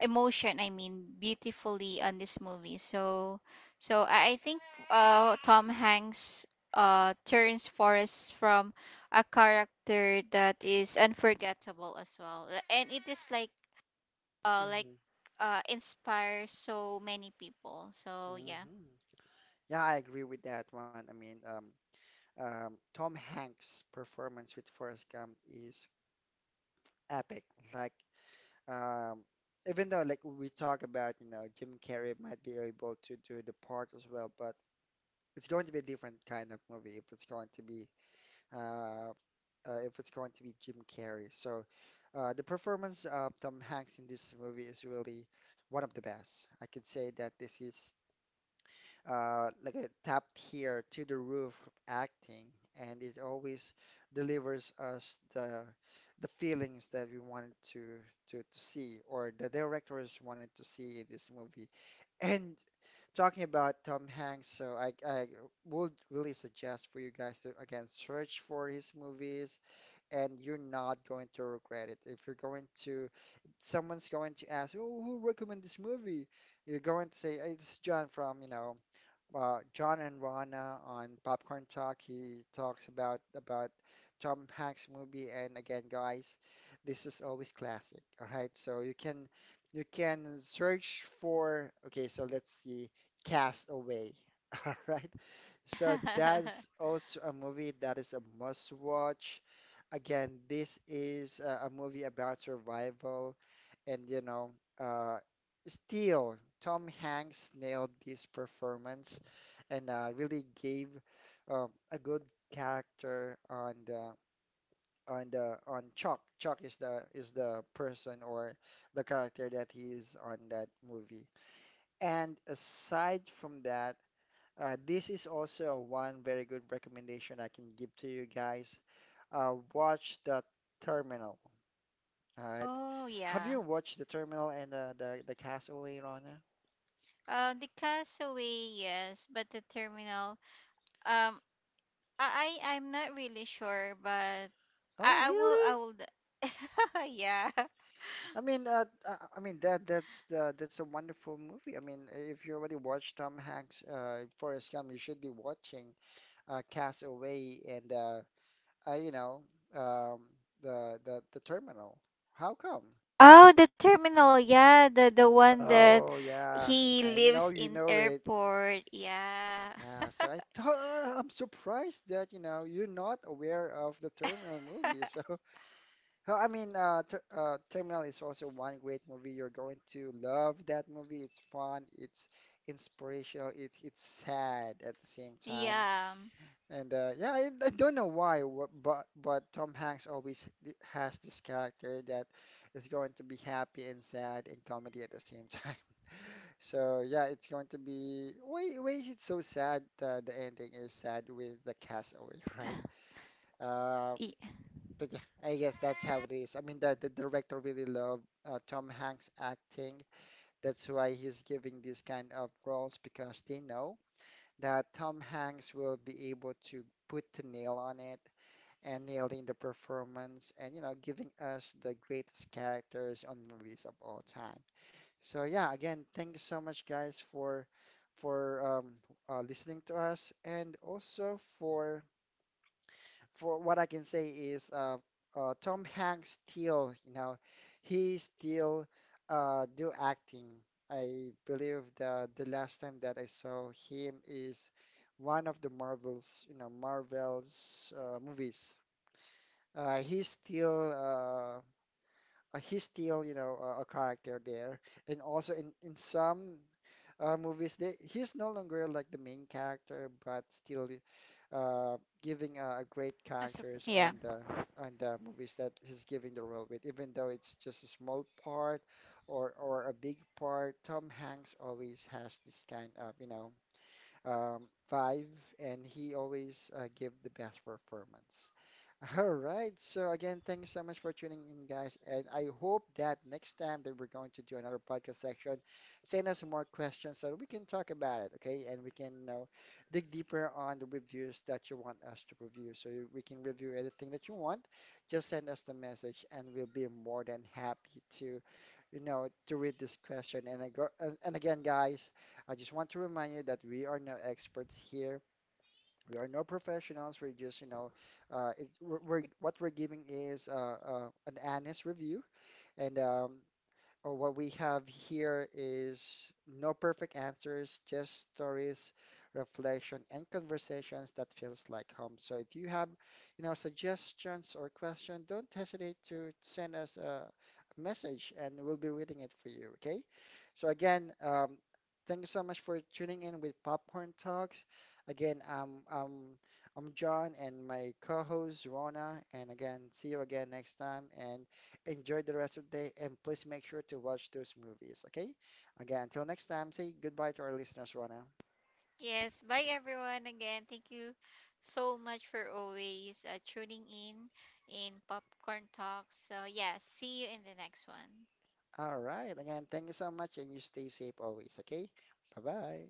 Speaker 2: emotion, I mean, beautifully on this movie. So so I think Tom Hanks turns Forrest from a character that is unforgettable as well. And it is like uh like
Speaker 1: Hmm.
Speaker 2: inspires so many people. So yeah.
Speaker 1: Hmm. Yeah, I agree with that one. Tom Hanks' performance with Forrest Gump is epic. Like Um, even though like we talk about, you know, Jim Carrey might be able to do the part as well, but it's going to be a different kind of movie if it's going to be uh, if it's going to be Jim Carrey. So the performance of Tom Hanks in this movie is really one of the best. I can say that this is like a top tier to the roof acting, and it always delivers us the feelings that we wanted to see or the directors wanted to see in this movie. And talking about Tom Hanks, so I would really suggest for you guys to again search for his movies, and you're not going to regret it. If you're going to, someone's going to ask, oh, who recommended this movie? You're going to say, "Hey, it's John from, you know, John and Rana on Popcorn Talk. He talks about Tom Hanks movie." And again, guys, this is always classic. All right, so you can search for. Okay, so let's see, Castaway. All right, so that's also a movie that is a must watch. Again, this is a movie about survival and you know, uh, still Tom Hanks nailed this performance and really gave a good character on the on the on Chuck. Chuck is the person or the character that he is on that movie. And aside from that, this is also one very good recommendation I can give to you guys. Watch The Terminal. All right.
Speaker 2: Oh,
Speaker 1: Have
Speaker 2: yeah.
Speaker 1: you watched The Terminal and the Castaway, Rana?
Speaker 2: The Castaway, yes, but the Terminal, um I'm not really sure, but
Speaker 1: Oh,
Speaker 2: I will
Speaker 1: really?
Speaker 2: yeah.
Speaker 1: I mean that's the that's a wonderful movie. I mean, if you already watched Tom Hanks, Forrest Gump, you should be watching Castaway and you know, um, the Terminal. How come?
Speaker 2: Oh, the Terminal. Yeah, the one that
Speaker 1: Oh yeah,
Speaker 2: he
Speaker 1: I know
Speaker 2: lives
Speaker 1: you
Speaker 2: in
Speaker 1: know it.
Speaker 2: airport. Yeah.
Speaker 1: Yeah, so I thought I'm surprised that you know you're not aware of the Terminal movie. So well, I mean, Terminal is also one great movie. You're going to love that movie. It's fun. It's inspirational. It's sad at the same time.
Speaker 2: Yeah.
Speaker 1: And yeah, I don't know but Tom Hanks always has this character that is going to be happy and sad and comedy at the same time. So yeah, it's going to be why is it so sad? The ending is sad with the castaway, right? Uh.
Speaker 2: Y-
Speaker 1: But yeah, I guess that's how it is. I mean, the director really loved Tom Hanks' acting. That's why he's giving these kind of roles because they know that Tom Hanks will be able to put the nail on it and nailing the performance and, you know, giving us the greatest characters on movies of all time. So yeah, again, thank you so much, guys, for listening to us and also for what I can say is Tom Hanks still, you know, he still do acting. I believe the last time that I saw him is one of the Marvels, you know, Marvel's movies. Uh, he's still uh, he's still, you know, a character there, and also in some movies. He's no longer like the main character, but still uh, giving a great
Speaker 2: That's.
Speaker 1: characters
Speaker 2: Yeah.
Speaker 1: on the movies that he's giving the role with, even though it's just a small part or a big part. Tom Hanks always has this kind of, you know, um, five, and he always give the best performance. All right. So again, thanks so much for tuning in, guys. And I hope that next time that we're going to do another podcast section, send us more questions so that we can talk about it, okay? And we can, you know, dig deeper on the reviews that you want us to review. So we can review anything that you want. Just send us the message, and we'll be more than happy to, you know, to read this question. And again, guys. I just want to remind you that we are no experts here. We are no professionals. We're just, you know, we're, what we're giving is an honest review. And or what we have here is no perfect answers, just stories, reflection, and conversations that feels like home. So if you have, you know, suggestions or questions, don't hesitate to send us a message and we'll be reading it for you, okay? So again, thank you so much for tuning in with Popcorn Talks. Again, I'm John and my co-host Rona, and again, see you again next time and enjoy the rest of the day and please make sure to watch those movies, okay? Again, until next time, say goodbye to our listeners, Rona.
Speaker 2: Yes, bye everyone. Again, thank you so much for always tuning in Popcorn Talks. So, yeah, see you in the next one.
Speaker 1: All right. Again, thank you so much and you stay safe always, okay? Bye-bye.